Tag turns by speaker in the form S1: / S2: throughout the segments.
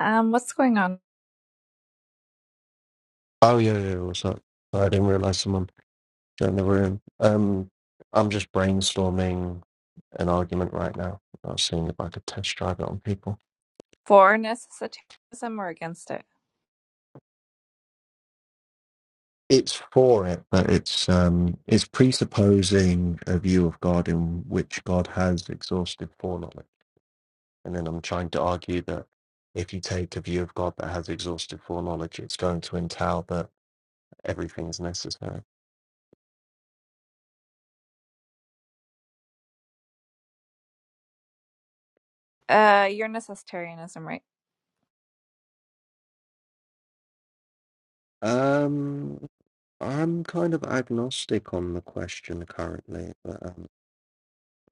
S1: Um, what's going on?
S2: Oh yeah, yeah. yeah, What's up? I didn't realize someone joined the room. Um, I'm just brainstorming an argument right now. I was seeing if I could test drive it on people.
S1: For necessitarianism or against it?
S2: It's for it, but it's um, it's presupposing a view of God in which God has exhaustive foreknowledge, and then I'm trying to argue that if you take a view of God that has exhaustive foreknowledge, it's going to entail that everything's necessary.
S1: Uh, you're necessitarianism, right?
S2: Um, I'm kind of agnostic on the question currently, but um,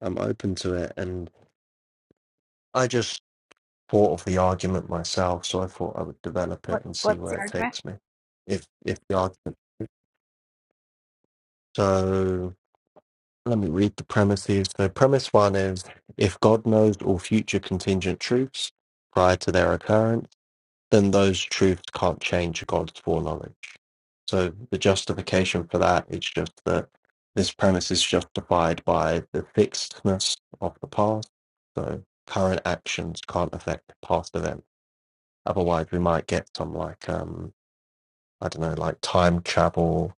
S2: I'm open to it. And I just thought of the argument myself, so I thought I would develop
S1: What
S2: it and see
S1: What's the
S2: where it
S1: argument?
S2: takes me. If if the argument. So let me read the premises. So premise one is if God knows all future contingent truths prior to their occurrence. then those truths can't change God's foreknowledge. So the justification for that is just that this premise is justified by the fixedness of the past. So current actions can't affect past events. Otherwise, we might get some like um, I don't know, like time travel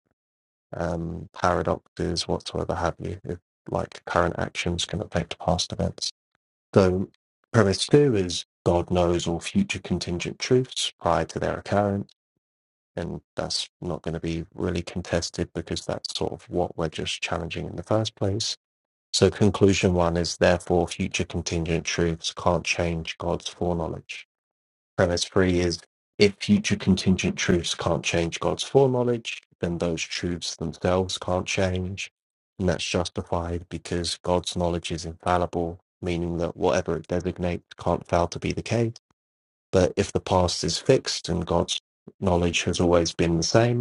S2: um, paradoxes, whatsoever have you. If like current actions can affect past events. So premise two is God knows all future contingent truths prior to their occurrence and that's not going to be really contested because that's sort of what we're just challenging in the first place. So, conclusion one is therefore future contingent truths can't change God's foreknowledge. Premise three is if future contingent truths can't change God's foreknowledge, then those truths themselves can't change. And that's justified because God's knowledge is infallible, meaning that whatever it designates can't fail to be the case. But if the past is fixed and God's knowledge has always been the same,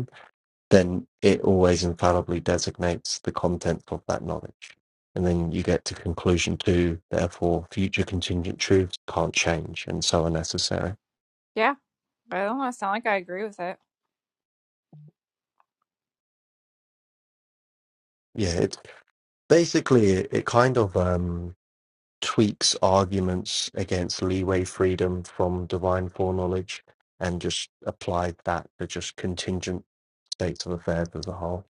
S2: then it always infallibly designates the contents of that knowledge. And then you get to conclusion two, therefore future contingent truths can't change and so are necessary.
S1: Yeah, but I don't want to sound like I agree with it.
S2: Yeah, it basically it, it kind of um, tweaks arguments against leeway freedom from divine foreknowledge and just applied that to just contingent states of affairs as a whole.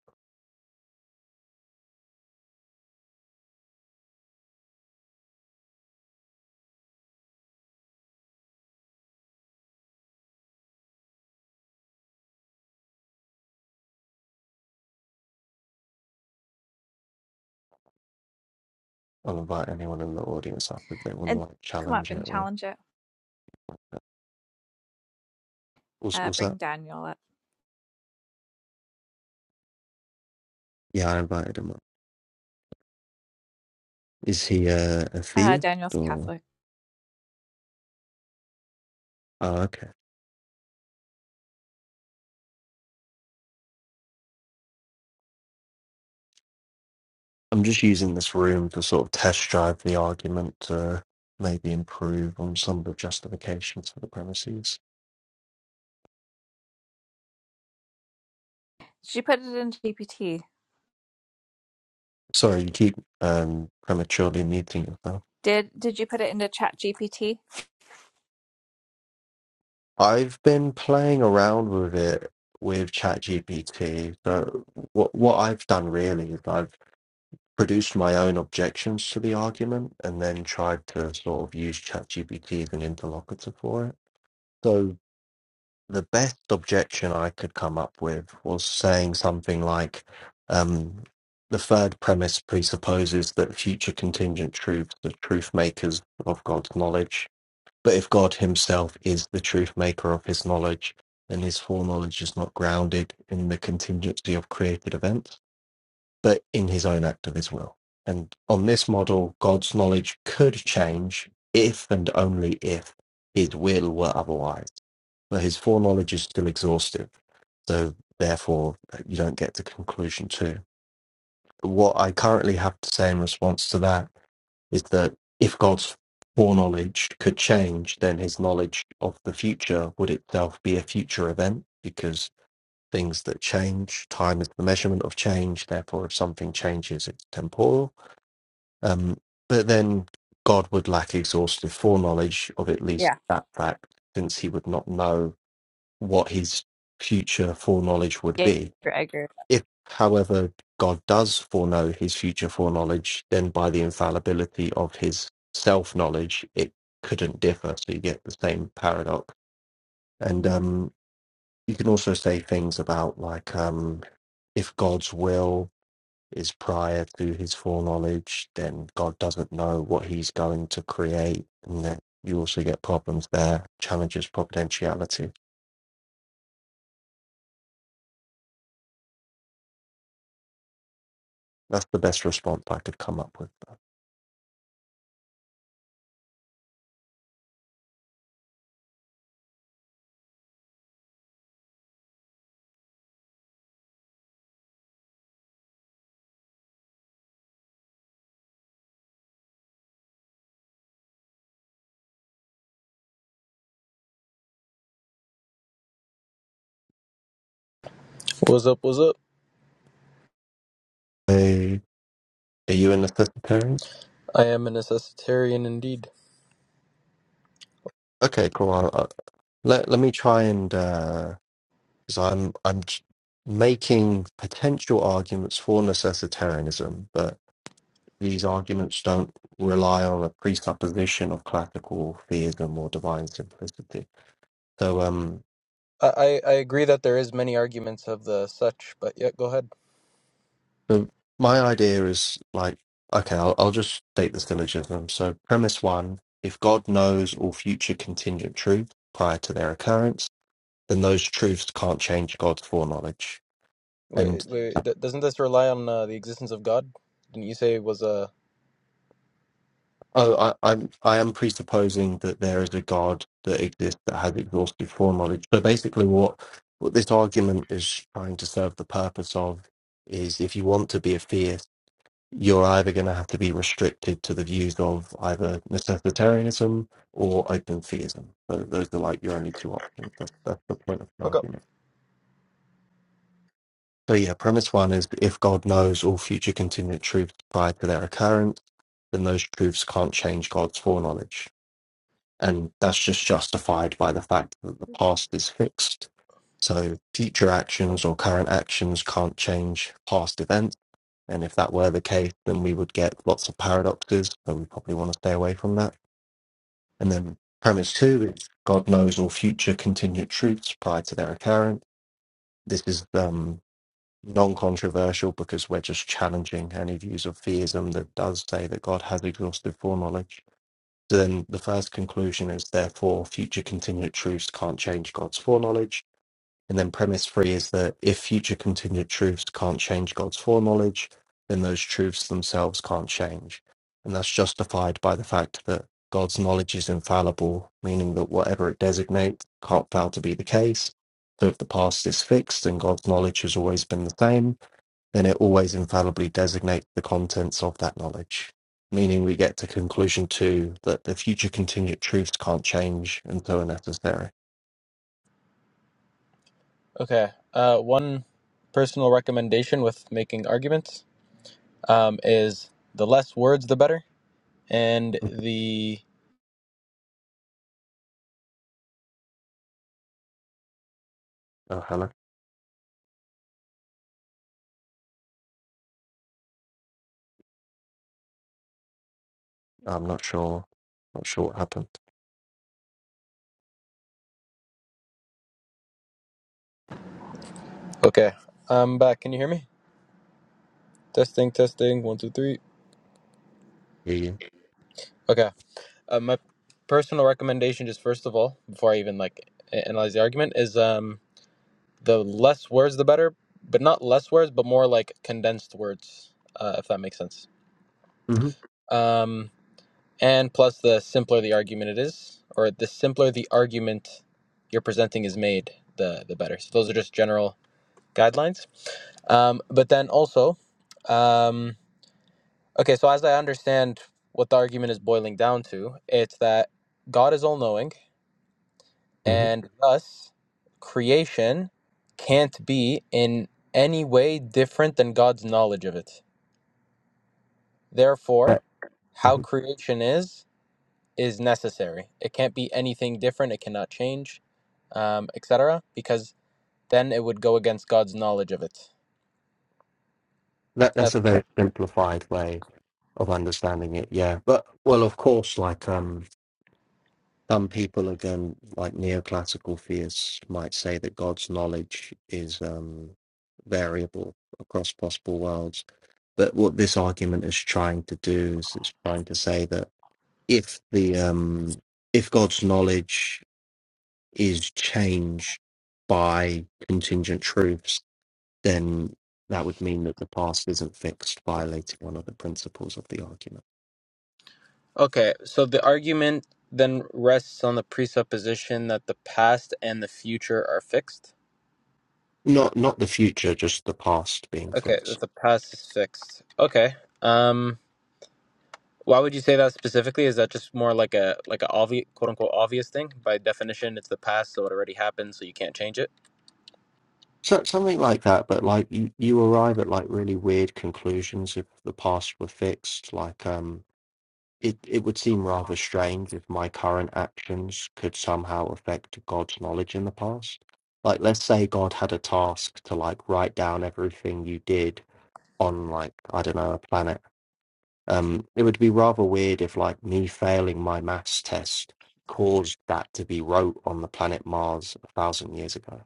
S2: I'll invite anyone in the audience up if they want to
S1: And
S2: like
S1: come up
S2: challenge it
S1: and
S2: or
S1: challenge it.
S2: was
S1: Uh,
S2: was
S1: bring
S2: that?
S1: Daniel up.
S2: Yeah, I invited him up. Is he a
S1: Uh,
S2: atheist
S1: Daniel's
S2: or?
S1: Catholic.
S2: Oh, okay. I'm just using this room to sort of test drive the argument to maybe improve on some of the justifications for the premises.
S1: Did you put it into GPT?
S2: Sorry, you keep um, prematurely muting yourself.
S1: Did Did you put it into Chat GPT?
S2: I've been playing around with it with ChatGPT. So what what I've done really is I've produced my own objections to the argument and then tried to sort of use ChatGPT as an interlocutor for it. So the best objection I could come up with was saying something like, um, the third premise presupposes that future contingent truths are truth makers of God's knowledge. But if God himself is the truth maker of his knowledge, then his foreknowledge is not grounded in the contingency of created events, but in his own act of his will. And on this model, God's knowledge could change if and only if his will were otherwise but his foreknowledge is still exhaustive. So therefore, you don't get the conclusion too. What I currently have to say in response to that is that if God's foreknowledge could change, then his knowledge of the future would itself be a future event because things that change, time is the measurement of change. Therefore, if something changes, it's temporal. Um, but then God would lack exhaustive foreknowledge of at least
S1: Yeah.
S2: that fact, since he would not know what his future foreknowledge would
S1: Yeah,
S2: be.
S1: I agree.
S2: If, however, God does foreknow his future foreknowledge, then by the infallibility of his self knowledge, it couldn't differ. So you get the same paradox. And um, you can also say things about, like, um, if God's will is prior to his foreknowledge, then God doesn't know what he's going to create. And then you also get problems there, challenges providentiality. That's the best response I could come up with.
S3: What's up? What's up?
S2: Hey, are you an vegetarian?
S3: I am a necessitarian indeed.
S2: Okay, cool. I'll, i let let me try and uh, because I'm I'm j- making potential arguments for necessitarianism, but these arguments don't rely on a presupposition of classical theism or divine simplicity. So, um,
S3: I, I, I agree that there is many arguments of the such, but yeah, go ahead.
S2: so my idea is like, okay, I'll I'll just state the syllogism. So, premise one: if God knows all future contingent truth prior to their occurrence then those truths can't change God's foreknowledge.
S3: Wait,
S2: And
S3: wait. d doesn't this rely on uh, the existence of God? Didn't you say it was Uh...
S2: oh, I, I'm I am presupposing that there is a God that exists that has exhaustive foreknowledge. So basically, what what this argument is trying to serve the purpose of is, if you want to be a theist, you're either going to have to be restricted to the views of either necessitarianism or open theism. So those are like your only two options. That's that's the point of the
S3: Okay.
S2: argument. So yeah, premise one is if God knows all future contingent truths prior to their occurrence, then those truths can't change God's foreknowledge. And that's just justified by the fact that the past is fixed. So future actions or current actions can't change past events. And if that were the case, then we would get lots of paradoxes. So we probably want to stay away from that. And then premise two is God knows all future contingent truths prior to their occurrence. This is um, non-controversial because we're just challenging any views of theism that does say that God has exhaustive foreknowledge. So Then the first conclusion is therefore future continued truths can't change God's foreknowledge. And then premise three is that if future continued truths can't change God's foreknowledge, then those truths themselves can't change. And that's justified by the fact that God's knowledge is infallible, meaning that whatever it designates can't fail to be the case. So if the past is fixed, then God's knowledge has always been the same then it always infallibly designates the contents of that knowledge, meaning we get to conclusion two that the future contingent truths can't change and so are necessary.
S3: Okay. Uh, one personal recommendation with making arguments um, is the less words, the better. And
S2: Mhm.
S3: the
S2: Oh, hello. I'm not sure. Not sure what happened.
S3: okay, I'm back. Can you hear me? Testing, testing. One, two, three.
S2: Hear you.
S3: Okay. Uh, my personal recommendation, just first of all, before I even like a- analyze the argument, is um the less words the better but not less words but more like condensed words uh, if that makes sense
S2: hmm
S3: um, and plus the simpler the argument it is or the simpler the argument you're presenting is made the the better so those are just general guidelines um, but then also um, okay so as i understand what the argument is boiling down to it's that god is all-knowing
S2: hmm
S3: and thus creation can't be in any way different than God's knowledge of it. Therefore,
S2: That,
S3: how
S2: mhm.
S3: creation is is necessary. It can't be anything different. It cannot change, um, etc. Because then it would go against God's knowledge of it.
S2: that that's a
S3: That's
S2: very simplified way of understanding it. Yeah, but well, of course, like um, some people again, like neoclassical theists, might say that God's knowledge is um variable across possible worlds But what this argument is trying to do is it's trying to say that if the um, if God's knowledge is changed by contingent truths, then that would mean that the past isn't fixed, violating one of the principles of the argument.
S3: okay. So the argument then rests on the presupposition that the past and the future are fixed.
S2: Not not the future, just the past being
S3: Okay,
S2: fixed.
S3: that the past is fixed. Okay. Um Why would you say that specifically? Is that just more like a like a obvious quote unquote obvious thing? By definition, it's the past, so it already happened, so you can't change it.
S2: So something like that, but like you, you arrive at like really weird conclusions if the past were fixed, like um It, it would seem rather strange if my current actions could somehow affect God's knowledge in the past. Like, let's say God had a task to like write down everything you did on like, I don't know, a planet. Um, it would be rather weird if like me failing my maths test caused that to be wrote on the planet Mars a thousand years ago.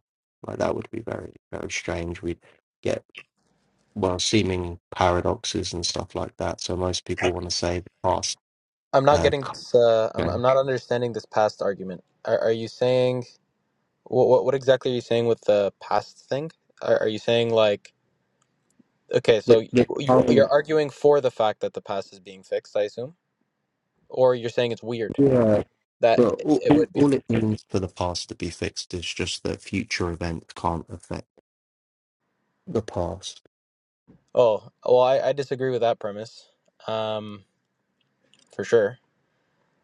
S2: Like, that would be very, very strange. We'd get, well, seeming paradoxes and stuff like that. So most people want to say the past
S3: I'm not
S2: uh,
S3: getting this. Uh,
S2: c-
S3: I'm I'm not understanding this past argument. Are, are you saying what, what what exactly are you saying with the past thing? Are, are you saying like okay, so
S2: The,
S3: you,
S2: the
S3: you you're
S2: current,
S3: arguing for the fact that the past is being fixed, I assume, or you're saying it's weird
S2: yeah,
S3: that
S2: but all,
S3: it
S2: all,
S3: would be?
S2: all it means for the past to be fixed is just that future events can't affect the past.
S3: Oh, well, I, I disagree with that premise, um, for sure.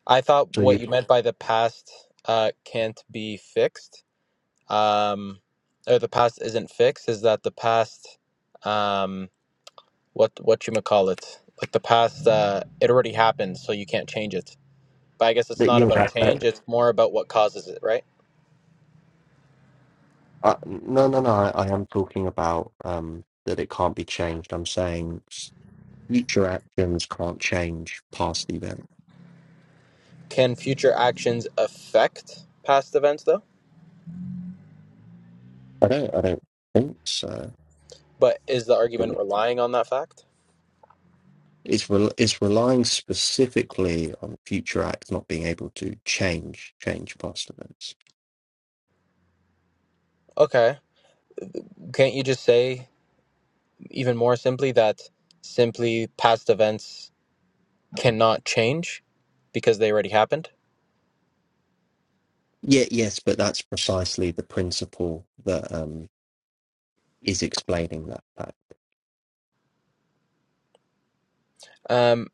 S3: I thought
S2: So
S3: what
S2: you,
S3: you meant by the past uh, can't be fixed, um, or the past isn't fixed, is that the past, um, what what you call it, like the past, uh, it already happened, so you can't change it. But I guess it's
S2: that
S3: not
S2: yeah,
S3: about
S2: that,
S3: change;
S2: that
S3: it's more about what causes it, right?
S2: uh, no, no, no. I, I am talking about um that it can't be changed. I'm saying s- future actions can't change past events.
S3: Can future actions affect past events, though?
S2: I don't, I don't think so.
S3: But is the
S2: But
S3: argument relying on that fact?
S2: It's re- it's relying specifically on future acts not being able to change change past events.
S3: Okay, can't you just say even more simply that simply past events? cannot change because they already happened.
S2: Yeah, yes, but that's precisely the principle that um, is explaining that fact.
S3: Um,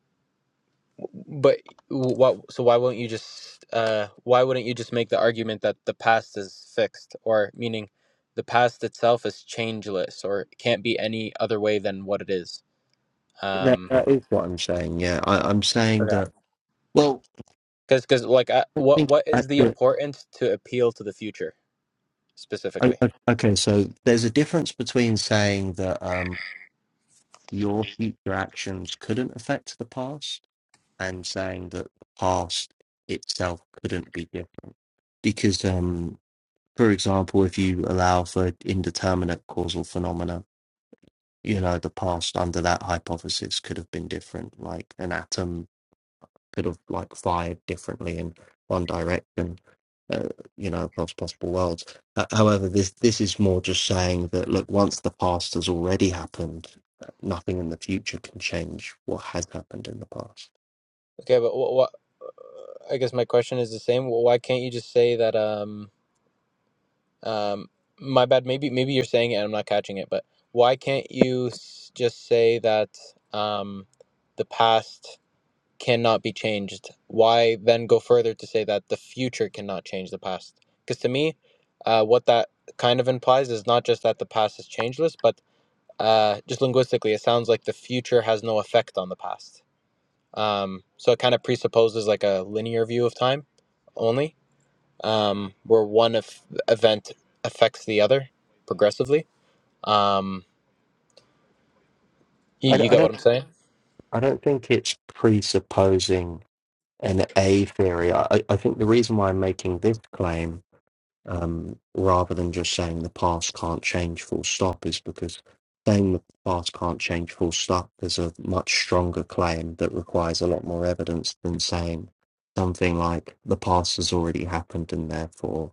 S3: but what? So why won't you just? Uh, why wouldn't you just make the argument that the past is fixed, or meaning the past itself is changeless, or it can't be any other way than what it is?
S2: That,
S3: Um,
S2: that is what I'm saying. Yeah, I, I'm saying
S3: okay.
S2: that. Well,
S3: Because, because, like, I,
S2: I
S3: what,
S2: think
S3: what is the
S2: actually,
S3: importance to appeal to the future
S2: I,
S3: specifically?
S2: I, okay. So there's a difference between saying that um, your future actions couldn't affect the past and saying that the past itself couldn't be different. Because, um, for example, if you allow for indeterminate causal phenomena you know the past under that hypothesis could have been different like an atom could have like fired differently in one direction uh, you know across possible worlds uh, however this this is more just saying that look once the past has already happened uh, nothing in the future can change what has happened in the past
S3: Okay, but what, what? I guess my question is the same. Why can't you just say that? Um, Um, my bad. Maybe maybe you're saying it and I'm not catching it, but why can't you s- just say that um, the past cannot be changed? Why then go further to say that the future cannot change the past? Because to me, uh, what that kind of implies is not just that the past is changeless, but uh, just linguistically, it sounds like the future has no effect on the past. Um, so it kind of presupposes like a linear view of time only um, where one eff- event affects the other progressively. Um, you,
S2: i, d-
S3: you
S2: I
S3: get what
S2: don't
S3: I'm saying?
S2: i don't think it's presupposing an a theory I, I I think the reason why i'm making this claim um, rather than just saying the past can't change full stop is because saying the past can't change full stop is a much stronger claim that requires a lot more evidence than saying something like the past has already happened and therefore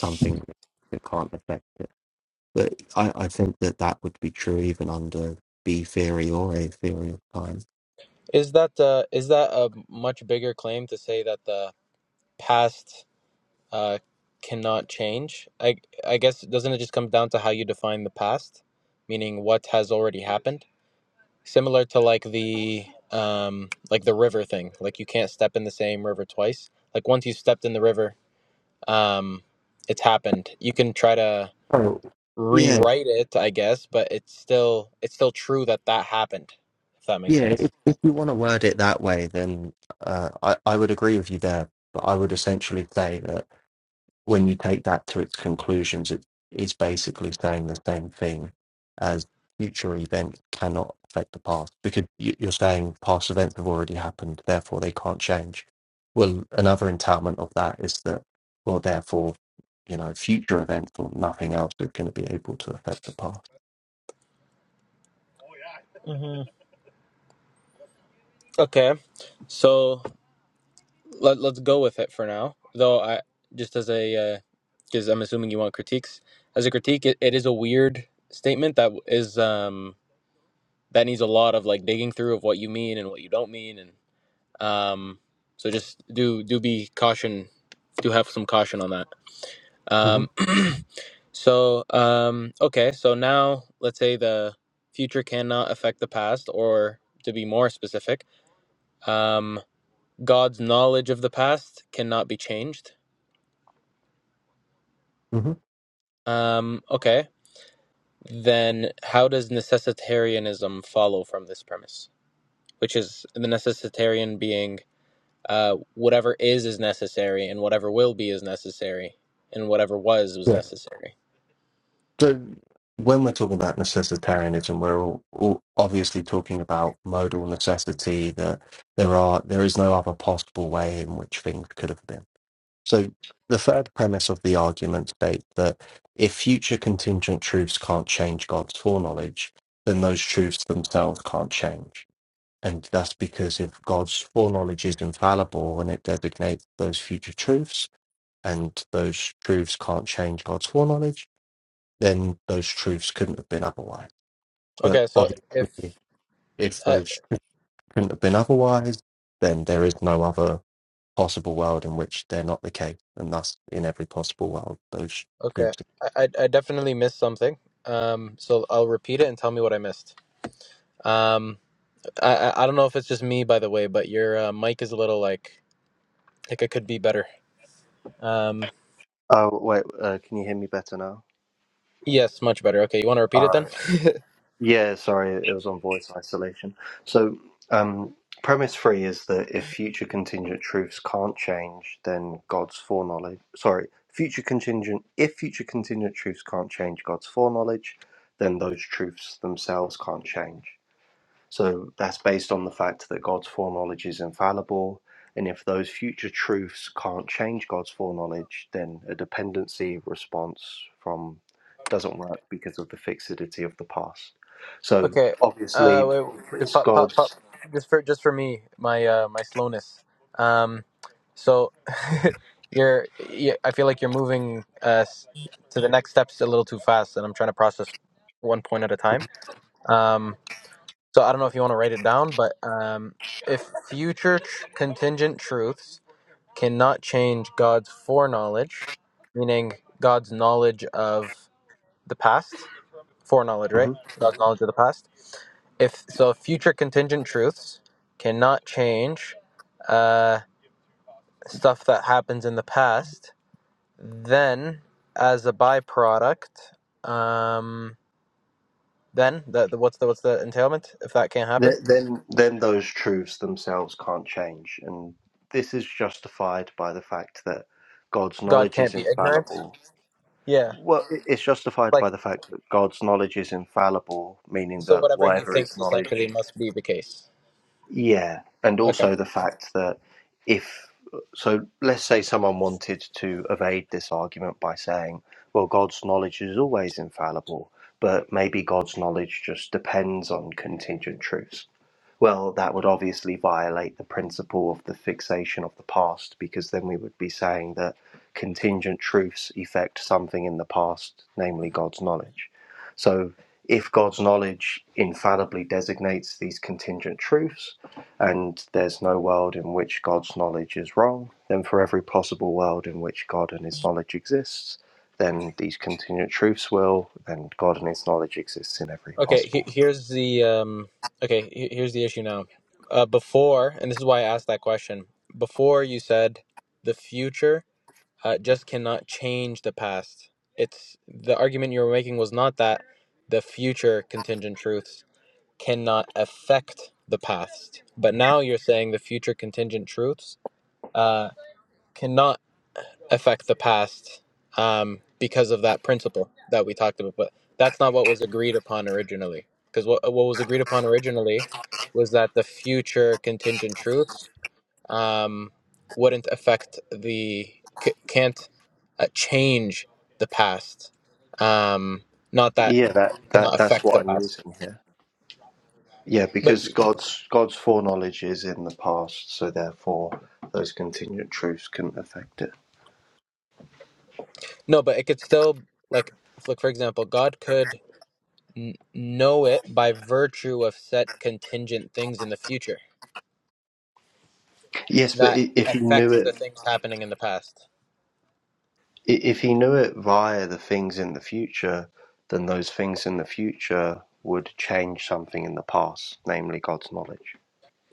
S2: something that can't affect it. But I, I think that that would be true even under B theory or A theory of time.
S3: Is that uh, is that a much bigger claim to say that the past uh, cannot change? I I guess doesn't it just come down to how you define the past, meaning what has already happened? Similar to like the um, like the river thing, like you can't step in the same river twice. Like once you stepped in the river, um, it's happened. You can try to
S2: Oh, yeah,
S3: rewrite it, I guess, but it's still it's still true that that happened. If that makes
S2: yeah.
S3: sense.
S2: If, if you want to word it that way, then uh, I, I would agree with you there but I would essentially say that when you take that to its conclusions, it is basically saying the same thing as future events cannot affect the past because you- you're saying past events have already happened, therefore they can't change. Well, another entitlement of that is that, well, therefore, you know, future events or nothing else is going to be able to affect the past.
S3: hmm Okay, so let let's go with it for now. Though I just as a because I'm assuming you want critiques as a critique, it, it is a weird statement that is um that needs a lot of like digging through of what you mean and what you don't mean and. Um, so just do do be caution, do have some caution on that.
S2: hmm
S3: Um, so um, okay, so now let's say the future cannot affect the past, or to be more specific, um, God's knowledge of the past cannot be changed.
S2: hmm
S3: Um, okay, then how does necessitarianism follow from this premise? Which is the necessitarian being Uh, whatever is is necessary, and whatever will be is necessary, and whatever was was
S2: Yeah.
S3: necessary.
S2: So when we're talking about necessitarianism, we're all, all obviously talking about modal necessity that there are there is no other possible way in which things could have been. So the third premise of the argument states that if future contingent truths can't change God's foreknowledge, then those truths themselves can't change. And that's because if God's foreknowledge is infallible and it designates those future truths, and those truths can't change God's foreknowledge, then those truths couldn't have been otherwise. But
S3: Okay, so if
S2: obviously, if
S3: uh,
S2: those truths couldn't have been otherwise, then there is no other possible world in which they're not the case, and thus in every possible world those
S3: okay,
S2: truths.
S3: I, I I definitely missed something. Um, so I'll repeat it and tell me what I missed. Um, I I I don't know if it's just me, by the way, but your uh, mic is a little like like it could be better. Um,
S2: Oh, wait, uh, can you hear me better now?
S3: yes, much better. Okay, you want to repeat it then?
S2: Yeah, sorry, it was on voice isolation. So, um, premise three is that if future contingent truths can't change, then God's foreknowledge, sorry, future contingent, if future contingent truths can't change God's foreknowledge, then those truths themselves can't change. So that's based on the fact that God's foreknowledge is infallible. And if those future truths can't change God's foreknowledge, then a dependency response from doesn't work because of the fixity of the past. So
S3: Okay. Uh,
S2: obviously,
S3: wait, just
S2: because
S3: pop, pop, pop.
S2: God's
S3: Just for just for me, my uh, my slowness. Um, so you're, you I feel like you're moving uh s- to the next steps a little too fast, and I'm trying to process one point at a time. Um, so I don't know if you want to write it down, but um, if future tr- contingent truths cannot change God's foreknowledge, meaning God's knowledge of the past, Foreknowledge, right?
S2: Mhm.
S3: God's knowledge of the past. If so, future contingent truths cannot change uh, stuff that happens in the past. Then, as a byproduct, um, then that the, what's the what's the entailment? If that can't happen,
S2: Th- then then those truths themselves can't change, and this is justified by the fact that God's
S3: God
S2: knowledge
S3: can't
S2: is
S3: be ignorant.
S2: infallible
S3: Yeah,
S2: Well, it- it's justified
S3: like
S2: by the fact that God's knowledge is infallible, meaning
S3: so,
S2: that
S3: whatever He
S2: whatever is
S3: thinks essentially
S2: knowledge.
S3: must be the case.
S2: Yeah. And
S3: Okay.
S2: also the fact that if, so let's say someone wanted to evade this argument by saying, well, God's knowledge is always infallible, but maybe God's knowledge just depends on contingent truths. Well, that would obviously violate the principle of the fixation of the past because then we would be saying that contingent truths effect something in the past, namely God's knowledge. So, if God's knowledge infallibly designates these contingent truths and there's no world in which God's knowledge is wrong, then for every possible world in which God and his knowledge exists, then these contingent truths will, and God and his knowledge exists in every
S3: Okay, he,
S2: possible
S3: here's the um okay, he- here's the issue now. Uh before, and this is why I asked that question. Before you said the future uh, just cannot change the past. It's the argument you were making was not that the future contingent truths cannot affect the past. But now you're saying the future contingent truths uh cannot affect the past um, because of that principle that we talked about. But that's not what was agreed upon originally. Because what, what was agreed upon originally was that the future contingent truths um, wouldn't affect the, c- can't uh, change the past. Um, not that
S2: Yeah, that,
S3: it cannot
S2: that that's
S3: affect
S2: what
S3: the
S2: I'm
S3: past.
S2: using here. Yeah,
S3: But
S2: because
S3: you-
S2: God's God's foreknowledge is in the past, so therefore those contingent truths couldn't affect it.
S3: no, but it could still, like, like for example, God could n- know it by virtue of set contingent things in the future
S2: Yes, but
S3: that
S2: i- if he knew
S3: affects the
S2: it,
S3: things happening in the past.
S2: i- if he knew it via the things in the future, then those things in the future would change something in the past, namely God's knowledge,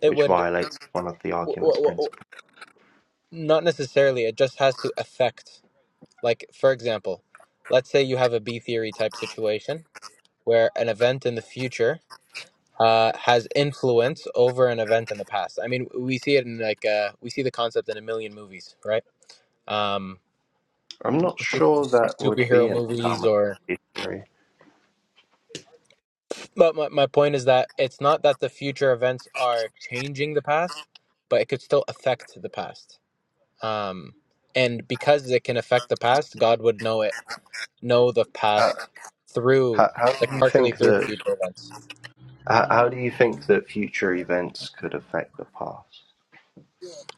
S3: It
S2: which
S3: would
S2: violates one of the
S3: w-
S2: argument's
S3: w- w-
S2: principles.
S3: not necessarily. It just has to affect. Like for example, let's say you have a B theory type situation where an event in the future uh, has influence over an event in the past. I mean, we see it in like uh, we see the concept in a million movies, right? Um,
S2: I'm not
S3: su-
S2: sure that would be
S3: superhero
S2: an
S3: movies
S2: Talmudic
S3: or
S2: theory.
S3: but my, my point is that it's not that the future events are changing the past but it could still affect the past um, and because it can affect the past, God would know it, know the past through,
S2: how, how
S3: like
S2: do you
S3: partially
S2: think
S3: through the
S2: that?
S3: future events.
S2: How, how do you think that future events could affect the past?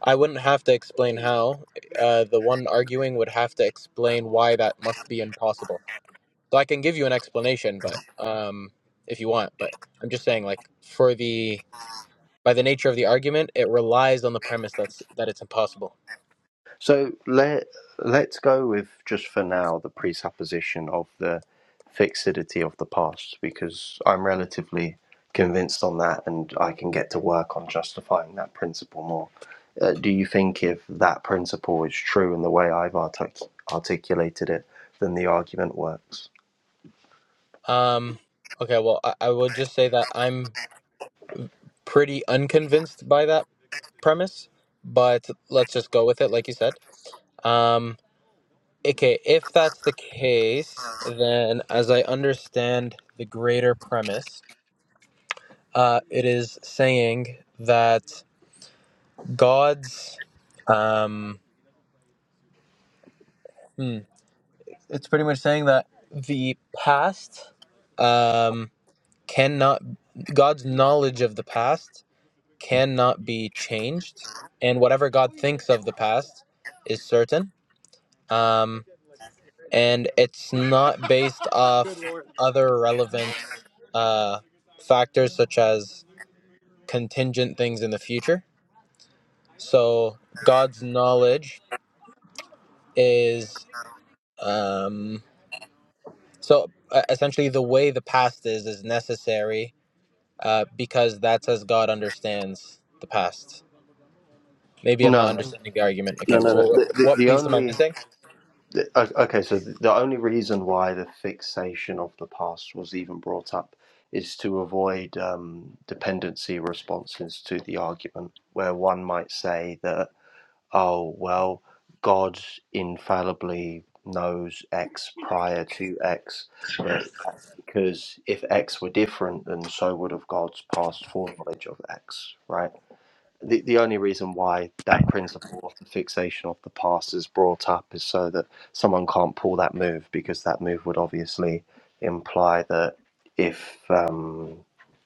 S3: I wouldn't have to explain how. Uh, the one arguing would have to explain why that must be impossible. So I can give you an explanation, but um, if you want, but I'm just saying, like for the by the nature of the argument, it relies on the premise that's that it's impossible.
S2: So let let's go with just for now the presupposition of the fixity of the past because I'm relatively convinced on that and I can get to work on justifying that principle more. Uh, do you think if that principle is true in the way I've artic- articulated it, then the argument works?
S3: Um, okay, well, I, I would just say that I'm pretty unconvinced by that premise, but let's just go with it, like you said. Um, okay, if that's the
S2: No,
S3: case, then as I understand the greater premise, uh, it is saying that God's, um, hmm, it's pretty much saying that the past um, cannot, God's knowledge of the past cannot be changed, and whatever God thinks of the past is certain. Um, and it's not based off other relevant uh, factors such as contingent things in the future. So God's knowledge is um, so uh, essentially the way the past is is necessary uh, because that's as God understands the past. Maybe I'm
S2: no, no,
S3: not understanding the argument. Okay,
S2: no. no. The,
S3: well,
S2: the,
S3: what
S2: the
S3: piece am I
S2: only
S3: missing?
S2: the- o- okay, so the the only reason why the fixation of the past was even brought up is to avoid um, dependency responses to the argument, where one might say that oh, well, God infallibly knows X prior to X, but that's because if X were different, then so would have God's past foreknowledge of X, right? the, the only reason why that principle of the fixation of the past is brought up is so that someone can't pull that move because that move would obviously imply that if um,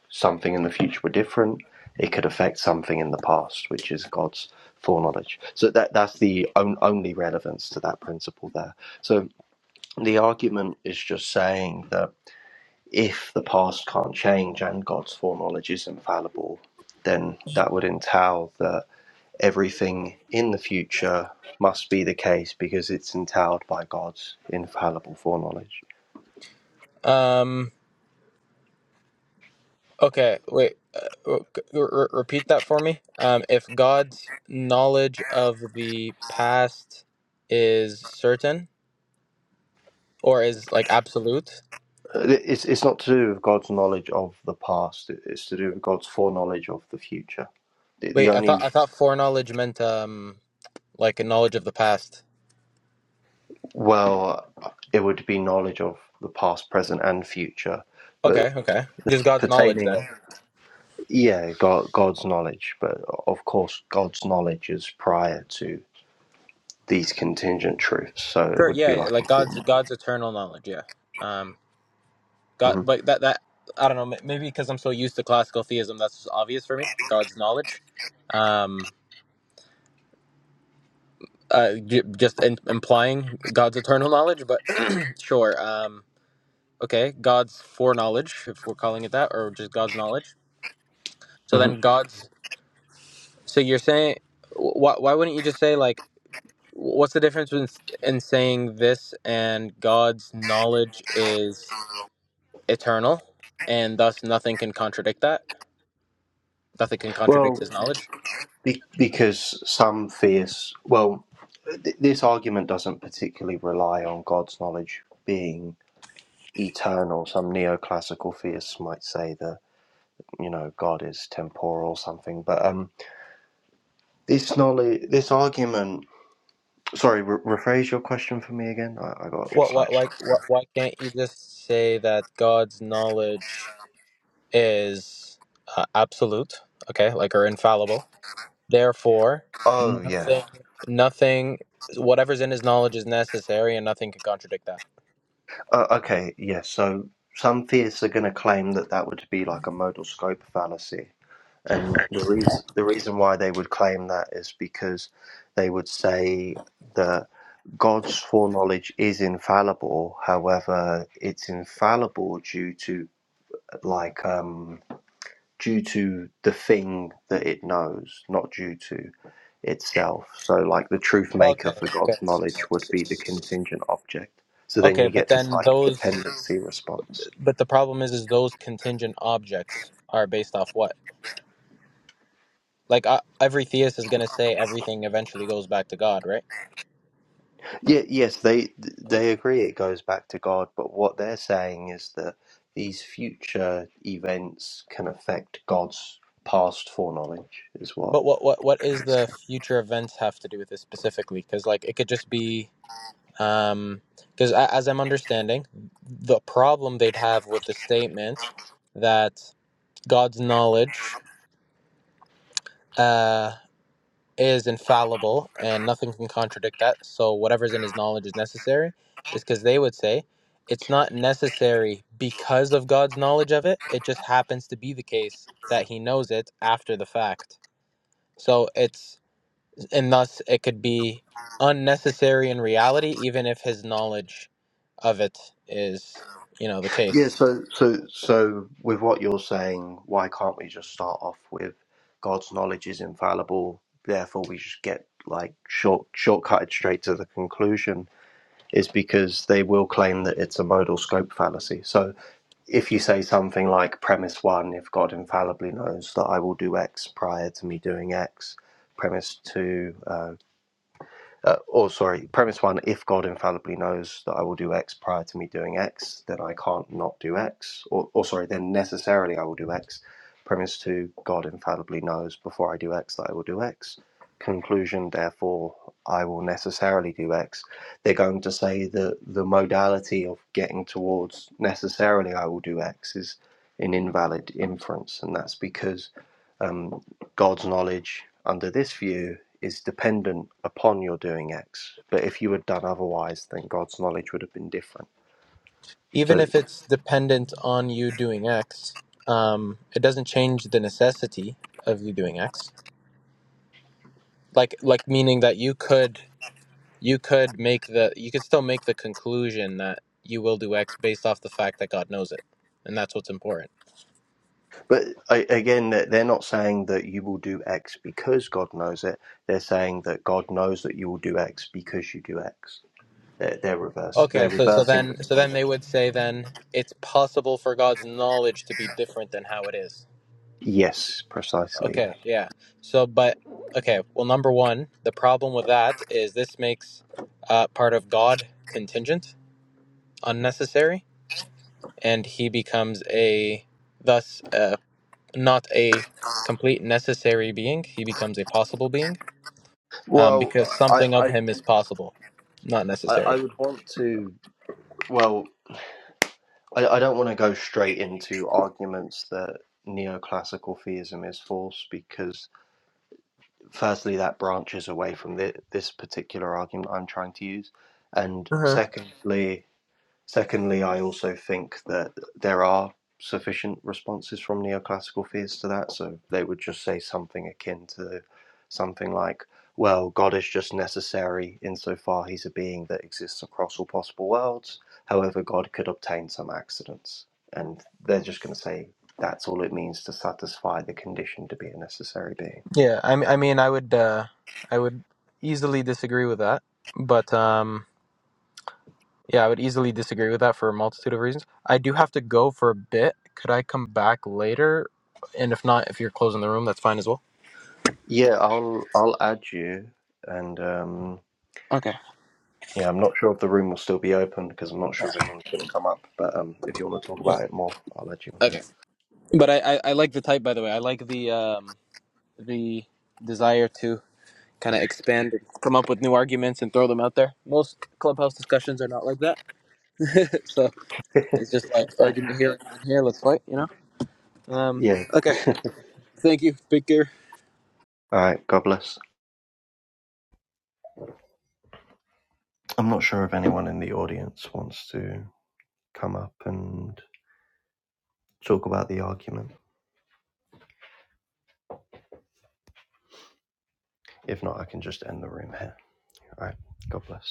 S2: something in the future were different, it could affect something in the past, which is God's foreknowledge. So that that's the on, only relevance to that principle there. So the argument is just saying that if the past can't change and God's foreknowledge is infallible, then that would entail that everything in the future must be the case because it's entailed by God's infallible foreknowledge.
S3: Um. Okay. Wait. Uh, w- c- r- r- repeat that for me. Um. If God's knowledge of the
S2: Uh,
S3: past is certain or is like absolute.
S2: It's, it's not to do with God's knowledge of the past, it's to do with God's foreknowledge of the future. The, the
S3: Wait. I thought
S2: only,
S3: I thought foreknowledge meant um like a knowledge of the past.
S2: well, uh, it would be knowledge of the past, present, and future, but
S3: Okay. Okay. Just God's knowledge
S2: pertaining,
S3: then.
S2: yeah, God, God's knowledge, but of course, God's knowledge is prior to these contingent truths, so it
S3: Sure,
S2: would be
S3: yeah,
S2: like. a
S3: like God's
S2: form.
S3: God's eternal knowledge, yeah. Um,
S2: Mhm.
S3: God, but that that I don't know, m- maybe because I'm so used to classical theism, that's just obvious for me. God's knowledge, um, uh, j- just in, implying God's eternal knowledge, but sure. Um, okay, God's foreknowledge, if we're calling it that, or just God's knowledge. So
S2: hmm
S3: then God's. So you're saying, why why wouldn't you just say like, what's the difference in, in saying this and God's knowledge is? eternal, and thus nothing can contradict that. Nothing can contradict
S2: Well,
S3: his knowledge.
S2: be- because some fierce, well, th- this argument doesn't particularly rely on God's knowledge being eternal. Some neoclassical theists might say that you know God is temporal or something, but um, this knowledge, this argument. Sorry, re- rephrase your question for me again. I, I got a bit
S3: What, what, like,
S2: sidetracked.
S3: what, why can't you just say that God's knowledge is uh, absolute, okay, like or infallible? Therefore,
S2: Oh yeah.
S3: nothing, nothing, whatever's in his knowledge is necessary, and nothing can contradict that.
S2: Uh, okay, yeah, so some theists are going to claim that that would be like a modal scope fallacy. And the, reas the reason why they would claim that is because they would say that God's foreknowledge is infallible. However, it's infallible due to like um, due to the thing that it knows, not due to itself. So, like the truth maker
S3: Okay,
S2: for
S3: okay,
S2: God's knowledge would be the contingent object. So then
S3: okay,
S2: you
S3: but
S2: get this
S3: then
S2: like
S3: those,
S2: dependency response.
S3: but the problem is, is those contingent objects are based off what? Like uh, every theist is going to say everything eventually goes back to God, right?
S2: Yeah, yes, they they agree it goes back to God, but what they're saying is that these future events can affect God's past foreknowledge, is what.
S3: But what what what is the future events have to do with this specifically? Because like it could just be um because as I'm understanding, the problem they'd have with the statement that God's knowledge. uh. is infallible and nothing can contradict that. So whatever's in his knowledge is necessary, is because they would say it's not necessary because of God's knowledge of it. It just happens to be the case that he knows it after the fact. So it's and thus it could be unnecessary in reality, even if his knowledge of it is, you know, the
S2: Yeah,
S3: case.
S2: so so so with what you're saying, why can't we just start off with God's knowledge is infallible, therefore we just get like short shortcutted straight to the conclusion is because they will claim that it's a modal scope fallacy. So if you say something like premise one, if God infallibly knows that I will do X prior to me doing X, premise two, uh, uh, or sorry, premise one: If God infallibly knows that I will do X prior to me doing X, then I can't not do X. Or, or sorry, then necessarily I will do X. Premise two: God infallibly knows before I do X that I will do X. Conclusion: Therefore, I will necessarily do X. They're going to say that the modality of getting towards necessarily I will do X is an invalid inference, and that's because um, God's knowledge under this view is dependent upon your doing X. But if you had done otherwise, then God's knowledge would have been different.
S3: Even
S2: So,
S3: if it's dependent on you doing X, um, it doesn't change the necessity of you doing X like like meaning that you could you could make the you could still make the conclusion that you will do x based off the fact that god knows it and that's what's important
S2: but again, they're they're not saying that you will do X because God knows it. They're saying that God knows that you will do X because you do X. They're, they're reverse. They're
S3: okay so so
S2: reversing the
S3: then so then
S2: dependent.
S3: they would say then it's possible for god's knowledge to be different than how it is
S2: Yes, precisely. Yeah.
S3: okay yeah so but okay well number one the problem with that is this makes uh, part of god contingent unnecessary and he becomes a thus a. not a complete necessary being. He becomes a possible being um,
S2: Well,
S3: because
S2: I,
S3: something of
S2: I,
S3: him is possible, not
S2: I I
S3: necessary.
S2: would want to. Well, I, I don't want to go straight into arguments that neoclassical theism is false because, firstly, that branches away from the, this particular argument I'm trying to use, and
S3: Uh huh.
S2: secondly, Secondly, I also think that there are sufficient responses from neoclassical theists to that, so they would just say something akin to something like, well, God is just necessary insofar he's a being that exists across all possible worlds. However, God could obtain some accidents. And they're just going to say that's all it means to satisfy the condition to be a necessary being.
S3: Yeah, I, m- I mean, I would, uh, I would easily disagree with that, but um, yeah, I would easily disagree with that for a multitude of reasons. I do have to go for a bit. Could I come back later? And if not, if you're closing the room, that's fine as well.
S2: Yeah, I'll I'll add you, and um,
S3: Okay.
S2: Yeah, I'm not sure if the room will still be open because I'm not
S3: Yeah.
S2: sure if anyone's going to come up. But um, if you want to talk
S3: Yeah.
S2: about it more, I'll let you on
S3: Okay. But I, I, I like the type, by the way. I like the um, the desire to. kind of expand and come up with new arguments and throw them out there. Most clubhouse discussions are not like that. so
S2: here.
S3: it's just like argument here, argument here, let's fight, you know? Um,
S2: yeah.
S3: okay. Thank you, Big Gear.
S2: All right. God bless. I'm not sure if anyone in the audience wants to come up and talk about the argument. If not, I can just end the room here. All right. God bless.